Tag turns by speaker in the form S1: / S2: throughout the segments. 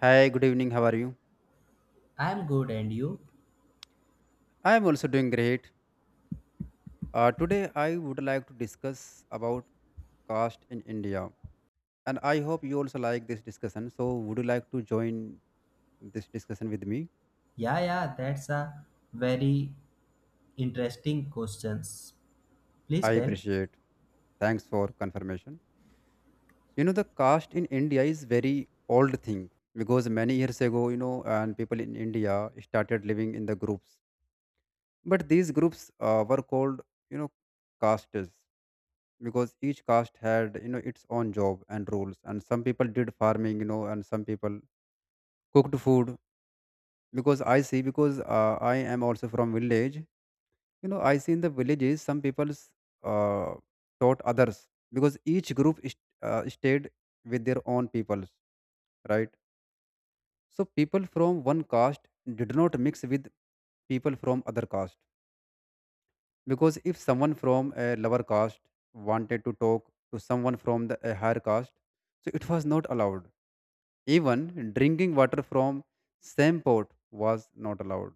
S1: Hi, good evening. How are you?
S2: I'm good, and you?
S1: I am also doing great. Today, I would like to discuss about caste in India, and I hope you also like this discussion. So, would you like to join this discussion with me?
S2: Yeah, yeah, that's a very interesting questions. Please
S1: I
S2: tell.
S1: appreciate. Thanks for confirmation. You know, the caste in India is very old thing because many years ago, you know, and people in India started living in the groups, but these groups were called, you know, castes. Because each caste had, you know, its own job and rules, and some people did farming, you know, and some people cooked food. Because I see, because I am also from village, you know, I see in the villages some people uh, taught others, because each group stayed with their own peoples, right? So people from one caste did not mix with people from other caste, because if someone from a lower caste wanted to talk to someone from the a higher caste, so it was not allowed. Even drinking water from same pot was not allowed.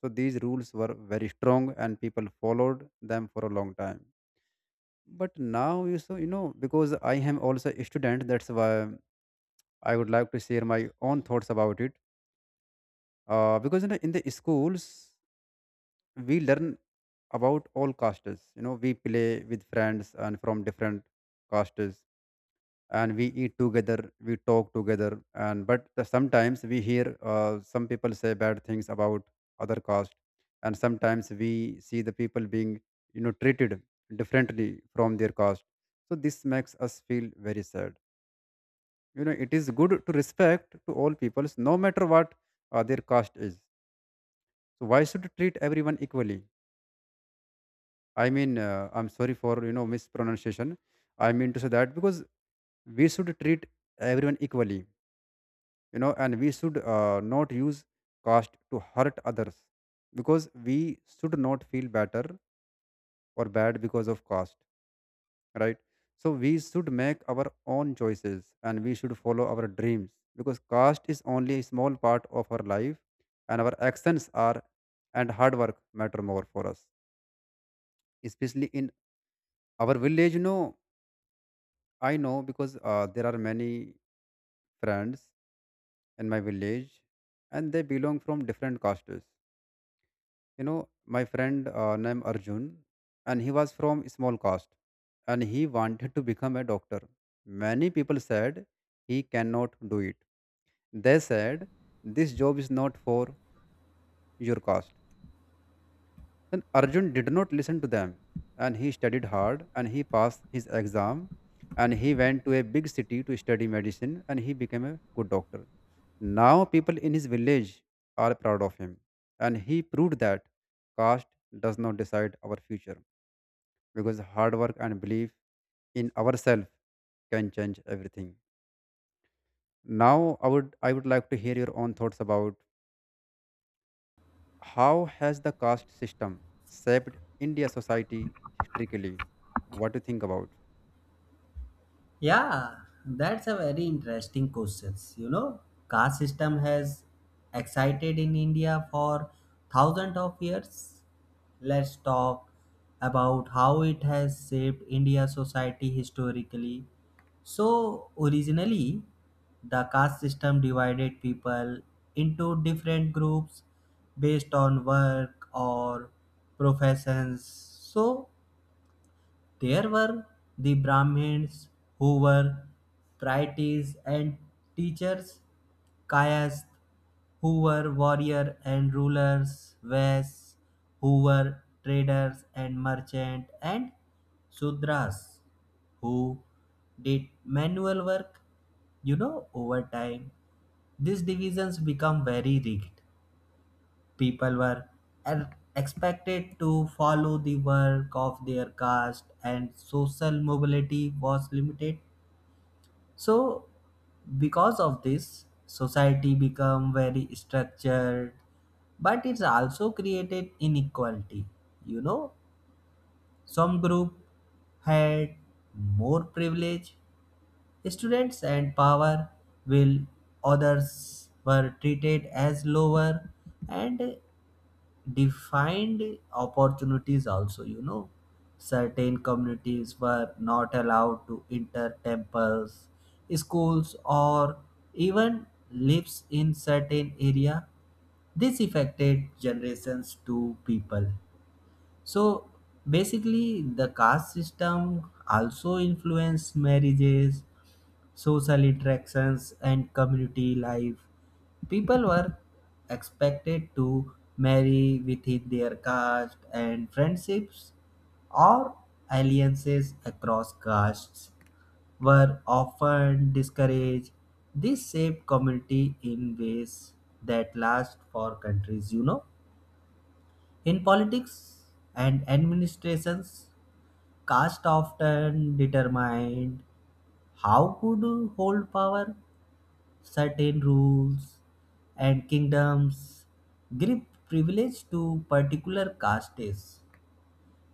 S1: So these rules were very strong and people followed them for a long time. But now you know, because I am also a student, that's why I would like to share my own thoughts about it. Because you know, in the schools we learn about all castes, you know, we play with friends and from different castes, and we eat together, we talk together, and but sometimes we hear some people say bad things about other caste, and sometimes we see the people being, you know, treated differently from their caste. So this makes us feel very sad. You know, it is good to respect to all peoples, no matter what their caste is. So why should treat everyone equally? I'm sorry for you know mispronunciation. I mean to say that, because we should treat everyone equally, you know, and we should not use caste to hurt others, because we should not feel better or bad because of caste, right? So we should make our own choices and we should follow our dreams, because caste is only a small part of our life, and our actions are and hard work matter more for us, especially in our village. You know, I know, because there are many friends in my village and they belong from different castes. You know, my friend named Arjun, and he was from small caste and he wanted to become a doctor. Many people said he cannot do it. They said this job is not for your caste. And Arjun did not listen to them, and he studied hard and he passed his exam, and he went to a big city to study medicine, and he became a good doctor. Now people in his village are proud of him, and he proved that caste does not decide our future, because hard work and belief in ourselves can change everything. Now I would like to hear your own thoughts about how has the caste system shaped India society historically? What do you think about?
S2: Yeah, that's a very interesting question. You know, caste system has excited in India for thousands of years. Let's talk about how it has shaped India society historically. So, originally, the caste system divided people into different groups based on work or professions. So, there were the Brahmins who were priests and teachers, Kayas who were warriors and rulers, Vaisys who were traders and merchants, and Sudras who did manual work, over time. These divisions become very rigid. People were er- expected to follow the work of their caste, and social mobility was limited. So because of this, society become very structured, but it's also created inequality. You know some group had more privilege students and power, while others were treated as lower and defined opportunities also. Certain communities were not allowed to enter temples, schools, or even lives in certain area. This affected generations to people. So basically, the caste system also influence marriages, social interactions, and community life. People were expected to marry within their caste, and friendships or alliances across castes were often discouraged. This shaped community in ways that last for countries. In politics and administrations, caste often determined how could hold power. Certain rules and kingdoms give privilege to particular castes.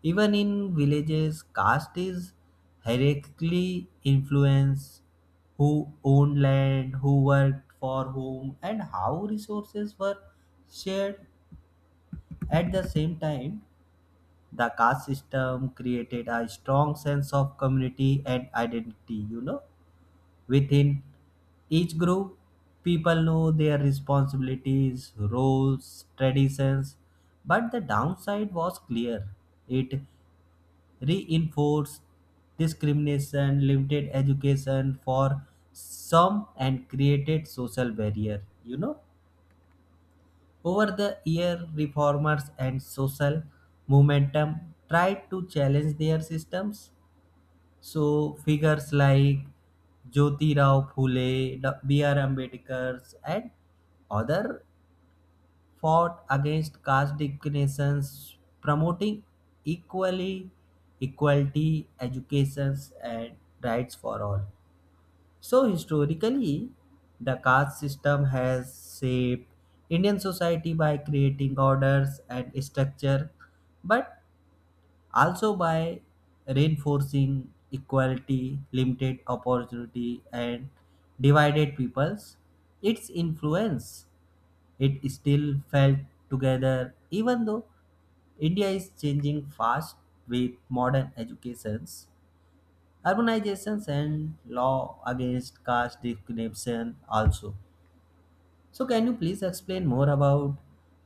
S2: Even in villages, caste is hierarchically influenced who owned land, who worked for whom, and how resources were shared. At the same time, the caste system created a strong sense of community and identity. Within each group, people know their responsibilities roles traditions, but the downside was clear. It reinforced discrimination, limited education for some, and created social barrier. Over the year, reformers and social momentum tried to challenge their systems. So, figures like Jyotirao Phule, B.R. Ambedkar, and other fought against caste discriminations, promoting equally equality, educations, and rights for all. So historically, the caste system has shaped Indian society by creating orders and structure, but also by reinforcing equality, limited opportunity, and divided peoples. Its influence, it still felt together, even though India is changing fast with modern educations urbanizations and law against caste discrimination also. So can you please explain more about,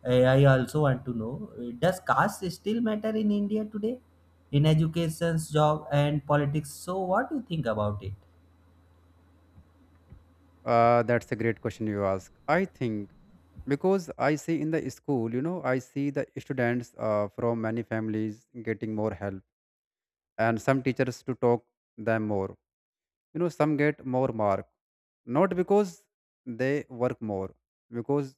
S2: I also want to know, does caste still matter in india today in education job and politics? So what do you think about it?
S1: That's a great question you ask. I think, because I see in the school, you know, I see the students from many families getting more help, and some teachers to talk them more. You know, some get more mark, not because they work more, because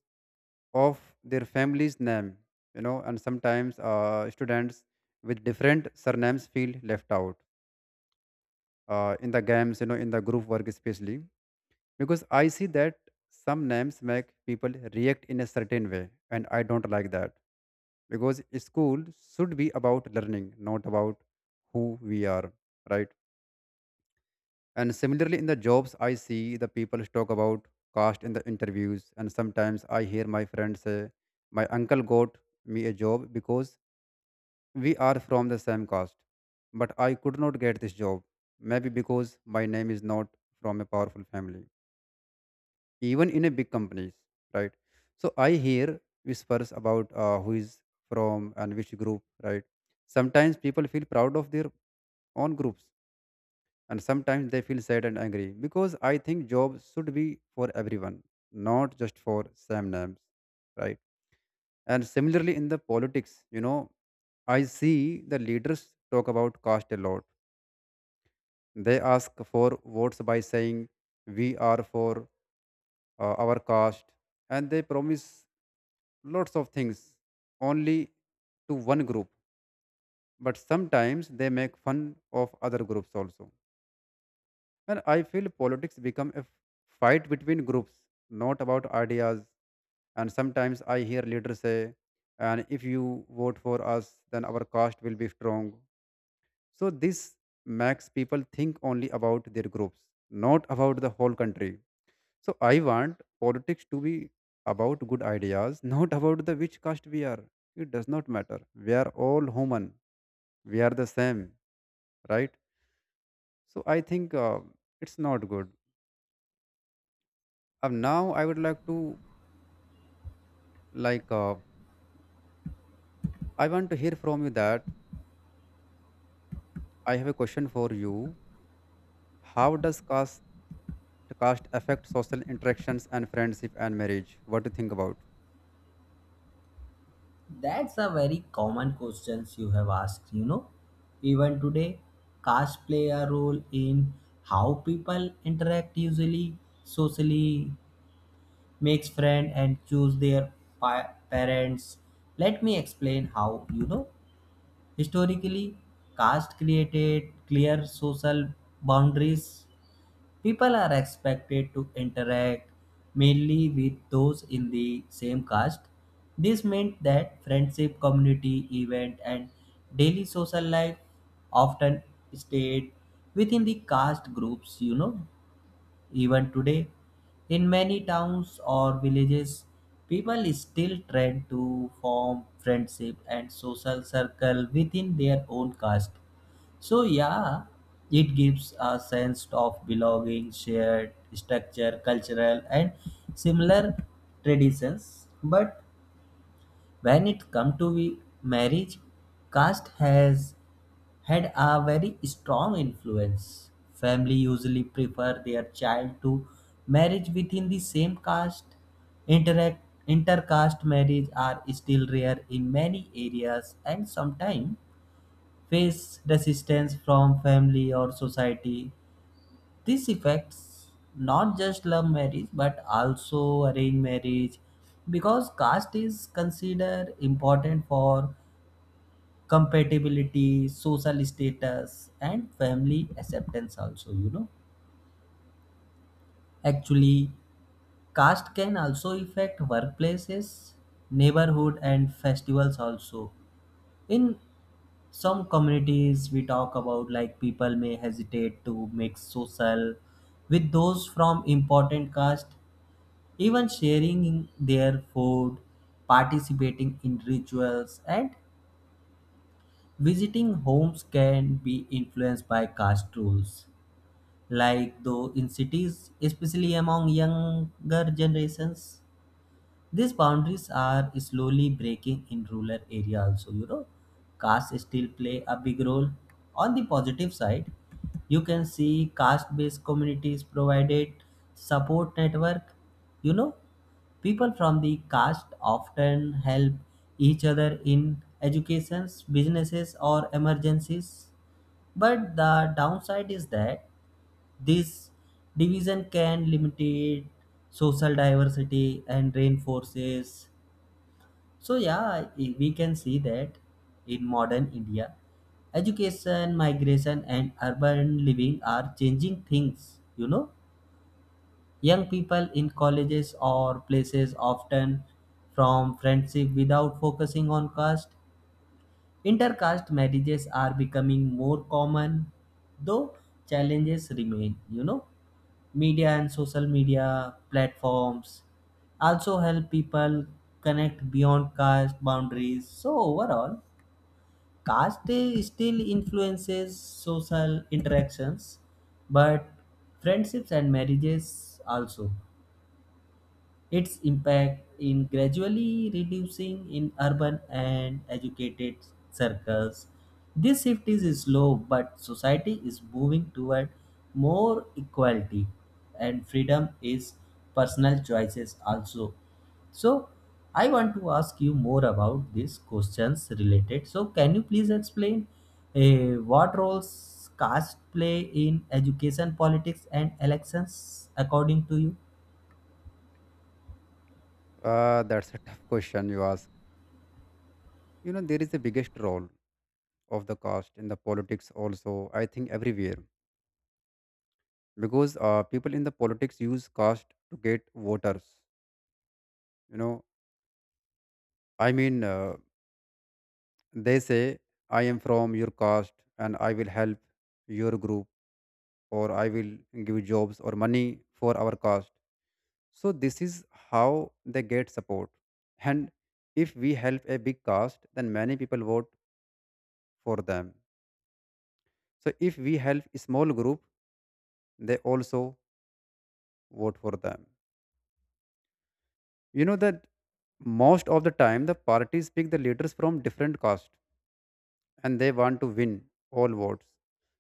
S1: of their family's name, you know, and sometimes students with different surnames feel left out in the games, you know, in the group work especially, because I see that some names make people react in a certain way, and I don't like that, because school should be about learning, not about who we are, right? And similarly, in the jobs, I see the people talk about caste in the interviews, and sometimes I hear my friends say, my uncle got me a job because we are from the same caste, but I could not get this job, maybe because my name is not from a powerful family, even in a big companies, right? So I hear whispers about who is from and which group, right? Sometimes people feel proud of their own groups, and sometimes they feel sad and angry, because I think jobs should be for everyone, not just for same names, right? And similarly, in the politics, you know, I see the leaders talk about caste a lot. They ask for votes by saying we are for our caste, and they promise lots of things only to one group, but sometimes they make fun of other groups also. And I feel politics become a fight between groups, not about ideas. And sometimes I hear leaders say, and if you vote for us, then our caste will be strong. So this makes people think only about their groups, not about the whole country. So I want politics to be about good ideas, not about the which caste we are. It does not matter. We are all human. We are the same, right? So I think it's not good. Now I would like to Like, I want to hear from you that I have a question for you. How does caste affect social interactions and friendship and marriage? What do you think about?
S2: That's a very common questions you have asked. Even today, caste play a role in how people interact usually socially, makes friend and choose their parents. Let me explain how. Historically, caste created clear social boundaries. People are expected to interact mainly with those in the same caste. This meant that friendship community event and daily social life often stayed within the caste groups. Even today, in many towns or villages, people still try to form friendship and social circle within their own caste. So yeah, it gives a sense of belonging, shared structure, cultural and similar traditions. But when it comes to marriage, caste has had a very strong influence. Family usually prefer their child to marriage within the same caste. Interact Intercaste marriage are still rare in many areas and sometimes face resistance from family or society. This affects not just love marriage but also arranged marriage because caste is considered important for compatibility, social status, and family acceptance. Also, you know, actually, caste can also affect workplaces, neighborhood, and festivals. Also, in some communities, we talk about like people may hesitate to mix social with those from important caste, even sharing in their food, participating in rituals, and visiting homes can be influenced by caste rules. Like though in cities, especially among younger generations, these boundaries are slowly breaking. In rural area also, caste still play a big role. On the positive side, you can see caste based communities provided support network. You know people from the caste often help each other in educations businesses or emergencies, but the downside is that this division can limit social diversity and reinforces. So, yeah, we can see that in modern India, education, migration, and urban living are changing things. You know, young people in colleges or places often from friendship without focusing on caste. Intercaste marriages are becoming more common, though challenges remain. Media and social media platforms also help people connect beyond caste boundaries. So overall, caste day still influences social interactions, but friendships and marriages also its impact in gradually reducing in urban and educated circles. This shift is slow, but society is moving toward more equality and freedom is personal choices also. So, I want to ask you more about these questions related. So, can you please explain, what roles caste play in education, politics, and elections according to you?
S1: That's a tough question you ask. You know, there is the biggest role of the caste in the politics also. I think everywhere, because people in the politics use caste to get voters. You know, I mean, uh, they say I am from your caste and I will help your group, or I will give jobs or money for our cost. So this is how they get support. And if we help a big cast, then many people vote for them. So if we help a small group, they also vote for them. You know that most of the time the parties pick the leaders from different castes, and they want to win all votes.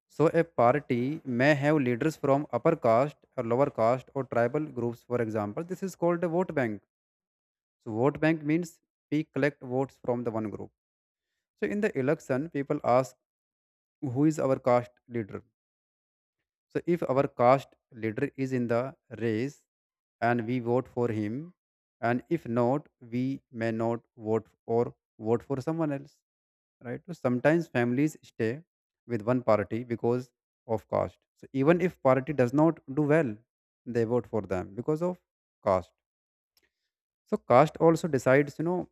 S1: So a party may have leaders from upper caste or lower caste or tribal groups, for example. This is called a vote bank. So vote bank means we collect votes from the one group. So in the election, people ask who is our caste leader. So if our caste leader is in the race and we vote for him, and if not, we may not vote or vote for someone else, right? So sometimes families stay with one party because of caste. So even if party does not do well, they vote for them because of caste. So caste also decides, you know,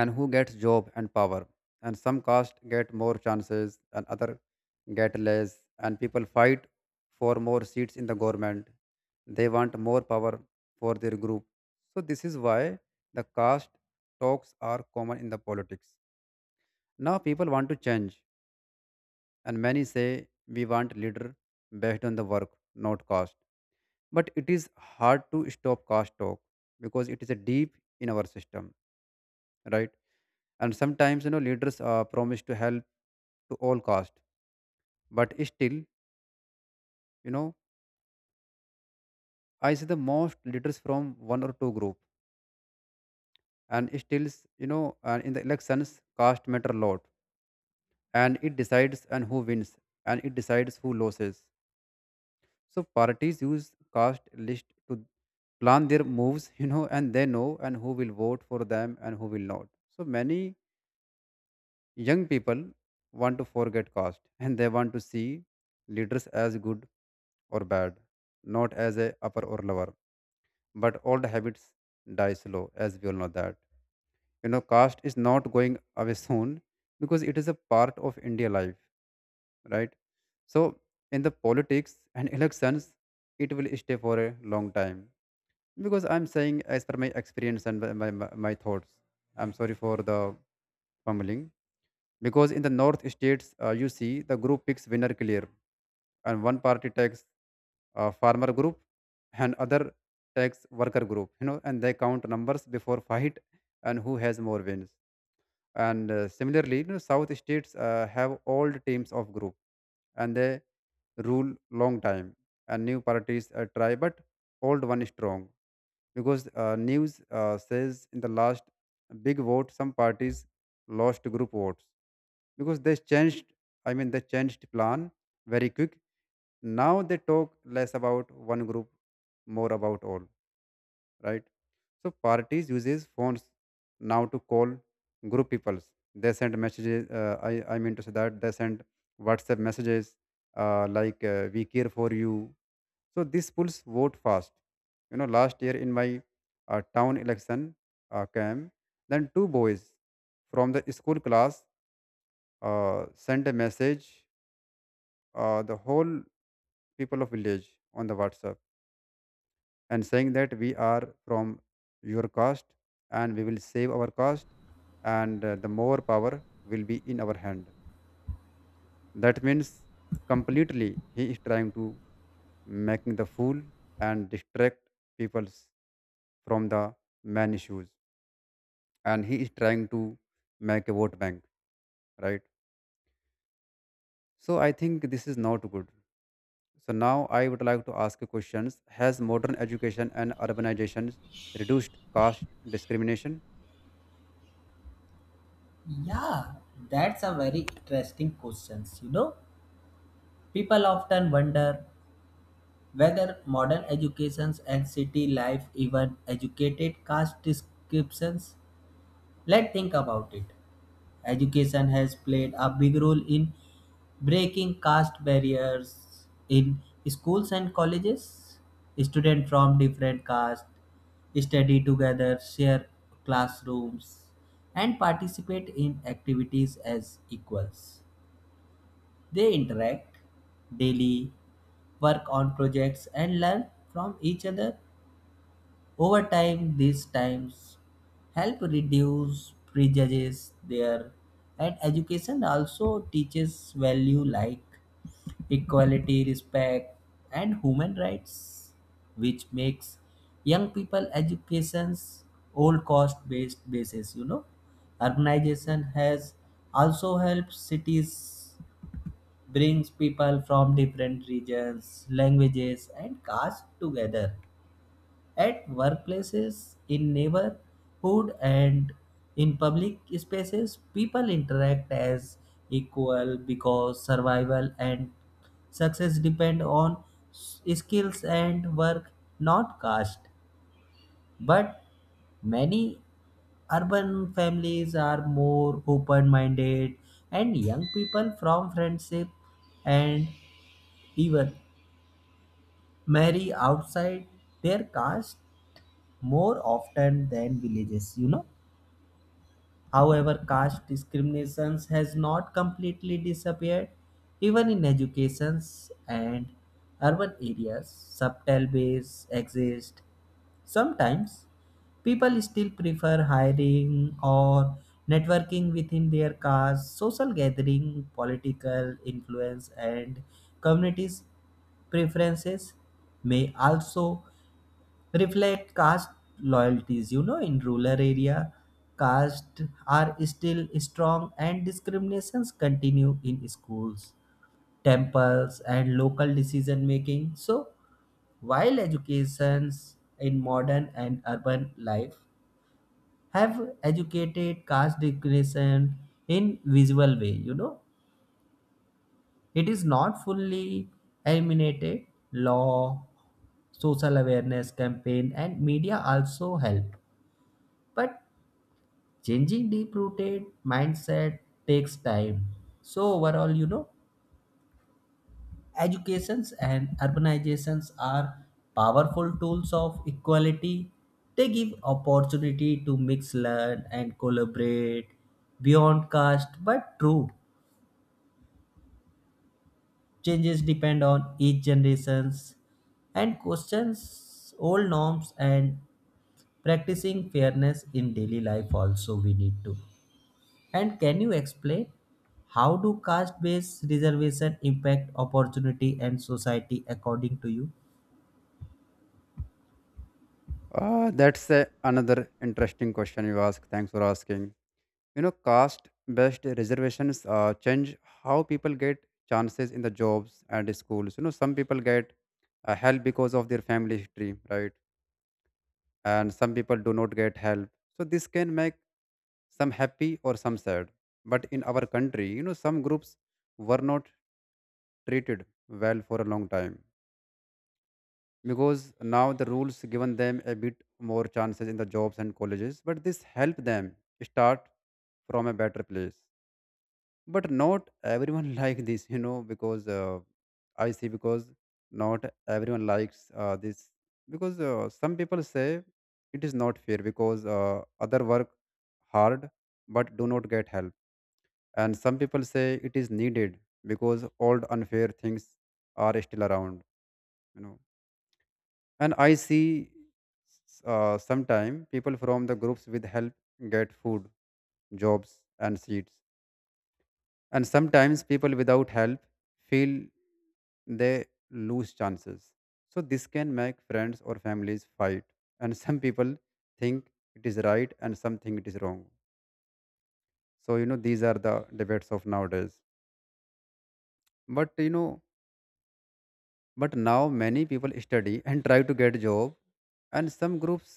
S1: and who gets job and power, and some caste get more chances and other get less, and people fight for more seats in the government. They want more power for their group. So this is why the caste talks are common in the politics. Now people want to change, and many say we want leader based on the work, not caste, but it is hard to stop caste talk because it is a deep in our system, right? And sometimes, you know, leaders promise to help to all cost, but still, you know, I see the most leaders from one or two group. And still, you know, and in the elections, caste matter a lot, and it decides and who wins and it decides who loses. So parties use caste list to plan their moves, you know, and they know and who will vote for them and who will not. So many young people want to forget caste, and they want to see leaders as good or bad, not as a upper or lower. But old habits die slow, as we all know that. You know, caste is not going away soon because it is a part of India life, right? So in the politics and elections, it will stay for a long time, because I'm saying as per my experience and my thoughts. I'm sorry for the fumbling because in the north states, you see the group picks winner clear and one party takes farmer group and other tax worker group, you know, and they count numbers before fight and who has more wins. And similarly, you know, south states have old teams of group and they rule long time, and new parties try, but old one is strong because news says in the last big vote some parties lost group votes because they changed, I mean they changed plan very quick. Now they talk less about one group, more about all, right? So parties uses phones now to call group peoples. They send messages, I mean to say that they send WhatsApp messages, like, we care for you. So this pulls vote fast. You know, last year in my town election came, then two boys from the school class sent a message the whole people of village on the WhatsApp and saying that we are from your caste and we will save our caste, and the more power will be in our hand. That means completely he is trying to making the fool and distract people from the man issues, and he is trying to make a vote bank, right? So I think this is not good. So now I would like to ask you questions: has modern education and urbanization reduced caste discrimination?
S2: Yeah, that's a very interesting question. You know, people often wonder whether modern educations and city life even educated caste descriptions. Let's think about it. Education has played a big role in breaking caste barriers in schools and colleges. Students from different castes study together, share classrooms, and participate in activities as equals. They interact daily, work on projects, and learn from each other. Over time, these times help reduce prejudices there, and education also teaches value like equality, respect, and human rights, which makes young people education's old cost-based basis. You know, urbanization has also helped. Cities brings people from different regions, languages, and castes together at workplaces, in neighborhood, and in public spaces. People interact as equal because survival and success depend on skills and work, not caste. But many urban families are more open minded, and young people from friendship and even marry outside their caste more often than villages, you know. However, caste discriminations has not completely disappeared. Even in educations and urban areas, subtle ways exist. Sometimes people still prefer hiring or networking within their cars, social gathering, political influence, and communities' preferences may also reflect caste loyalties. You know, in rural area, castes are still strong and discriminations continue in schools, temples, and local decision making. So while educations in modern and urban life have educated caste discrimination in visual way, you know, it is not fully eliminated. Law, social awareness campaign, and media also help. But changing deep-rooted mindset takes time. So overall, you know, educations and urbanizations are powerful tools of equality. They give opportunity to mix learn and collaborate beyond caste, but true changes depend on each generations and questions old norms and practicing fairness in daily life also we need to. And can you explain how do caste based reservation impact opportunity and society according to you?
S1: That's a, another interesting question you ask. Thanks for asking. You know, caste-based reservations change how people get chances in the jobs and schools. You know, some people get help because of their family history, right? And some people do not get help. So this can make some happy or some sad. But in our country, you know, some groups were not treated well for a long time, because now the rules given them a bit more chances in the jobs and colleges, but this help them start from a better place. But not everyone like this, you know, because I see, because not everyone likes this because some people say it is not fair because other work hard but do not get help. And some people say it is needed because old unfair things are still around, you know. And I see sometime people from the groups with help get food, jobs, and seats, and sometimes people without help feel they lose chances. So this can make friends or families fight. And some people think it is right and some think it is wrong. So you know, these are the debates of nowadays. But you know, but now many people study and try to get job, and some groups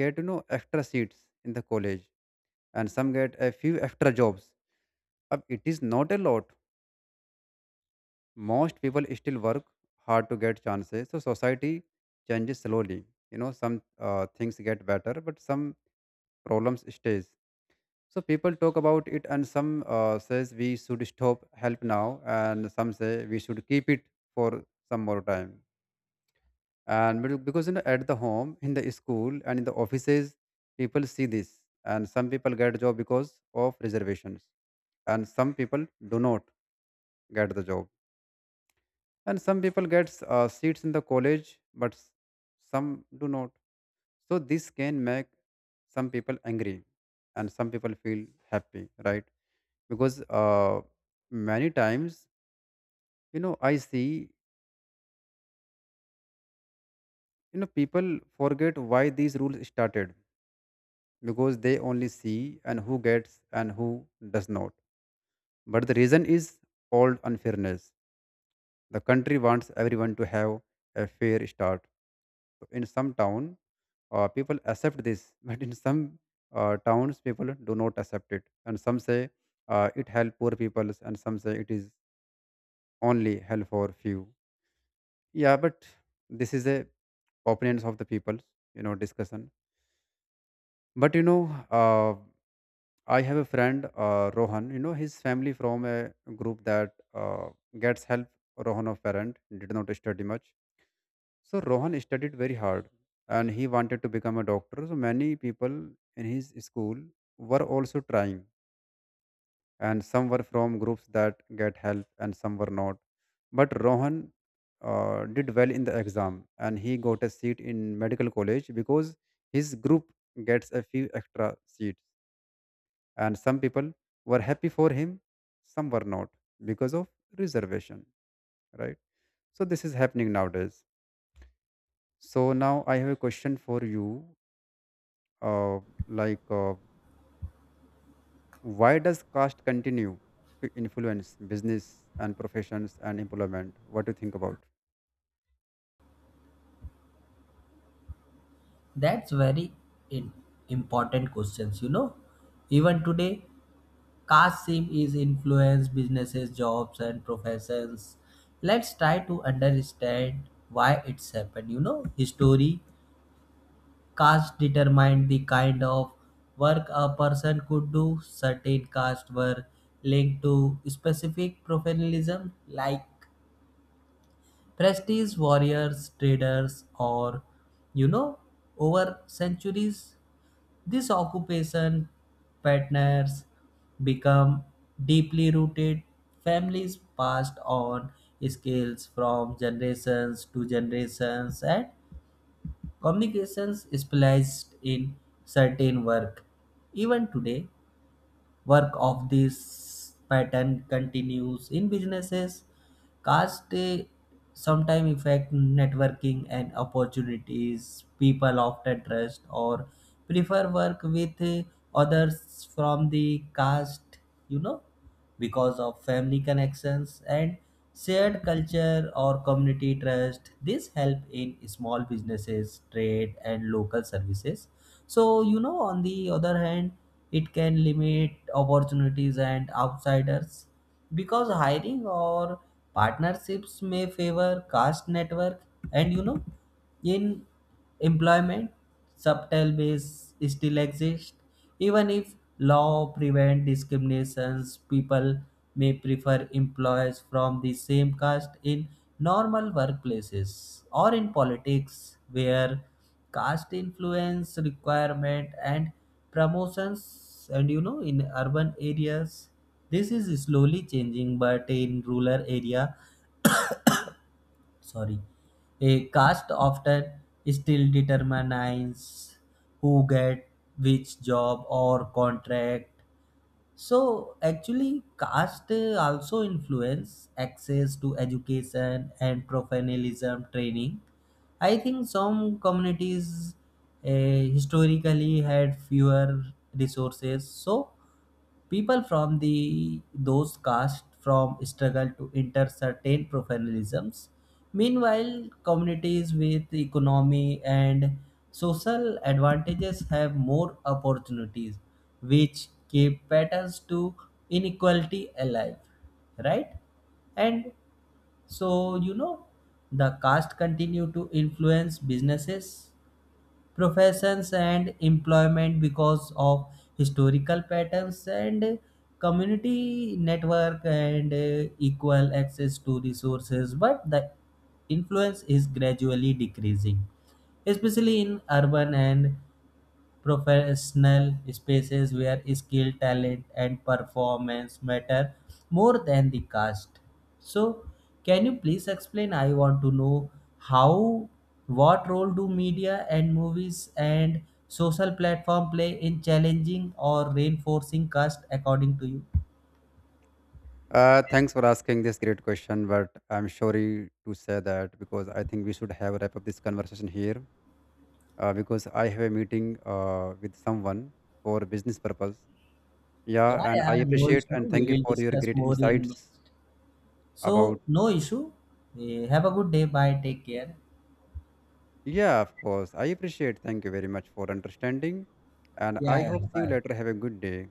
S1: get, you know, extra seats in the college, and some get a few extra jobs. Ab it is not a lot. Most people still work hard to get chances. So society changes slowly. You know, some things get better but some problems stays. So people talk about it, and some says we should stop help now, and some say we should keep it for some more time. Because you know, at the home, in the school, and in the offices, people see this, and some people get job because of reservations, and some people do not get the job. And some people get seats in the college but some do not. So this can make some people angry and some people feel happy, right? Because many times, you know, I see, you know, people forget why these rules started because they only see and who gets and who does not. But the reason is called unfairness. The country wants everyone to have a fair start. So in some town, people accept this, but in some towns, people do not accept it. And some say it help poor people, and some say it is only help for few. Yeah, but this is a opinions of the people, you know, discussion. But you know, I have a friend, Rohan. You know, his family from a group that gets help. Rohan, a parent, did not study much. So Rohan studied very hard, and he wanted to become a doctor. So many people in his school were also trying, and some were from groups that get help, and some were not. But Rohan did well in the exam, and he got a seat in medical college because his group gets a few extra seats. And some people were happy for him, some were not, because of reservation, right? So this is happening nowadays. So now I have a question for you. uh, like, why does caste continue to influence business and professions and employment? What do you think about?
S2: That's very in- important questions, you know. Even today, caste seem is influence businesses, jobs and professions. Let's try to understand why it's happened, you know. History, caste determined the kind of work a person could do. Certain castes were linked to specific professionalism like prestige warriors, traders or, you know, over centuries. This occupation patterns become deeply rooted. Families passed on skills from generations to generations, and communications specialized in certain work. Even today, work of this pattern continues in businesses. Caste sometimes affect networking and opportunities. People often trust or prefer work with others from the caste. You know, because of family connections and shared culture or community trust. This help in small businesses, trade and local services. So you know on the other hand, it can limit opportunities and outsiders because hiring or partnerships may favor caste network. And you know in employment subtle base still exist, even if law prevent discriminations, people may prefer employees from the same caste in normal workplaces or in politics where caste influence requirement and promotions. And you know in urban areas this is slowly changing but in rural area, sorry, a caste often still determines who get which job or contract. So actually caste also influence access to education and professionalism training. I think some communities historically had fewer resources so people from the those caste from struggle to enter certain professionalisms. Meanwhile communities with economy and social advantages have more opportunities, which keep patterns to inequality alive, right? And so, you know, the caste continue to influence businesses professions and employment because of historical patterns and community network and equal access to resources, but the influence is gradually decreasing, especially in urban and professional spaces where skill, talent, and performance matter more than the caste. So, can you please explain? I want to know how, what role do media and movies and social platform play in challenging or reinforcing caste according to you?
S1: Thanks for asking this great question, but I'm sorry to say that because I think we should have wrap up this conversation here, because I have a meeting with someone for business purpose. Yeah,
S2: Yeah,
S1: and I
S2: yeah, no
S1: appreciate
S2: issue.
S1: and
S2: We
S1: thank you
S2: will
S1: for your
S2: discuss
S1: great
S2: more in
S1: insights
S2: next. So,
S1: about.
S2: no issue. Have a good day. Bye. Take care.
S1: Yeah, of course. I appreciate. Thank you very much for understanding. And
S2: Yeah,
S1: I
S2: yeah.
S1: hope see you later.
S2: Bye.
S1: Have a good day.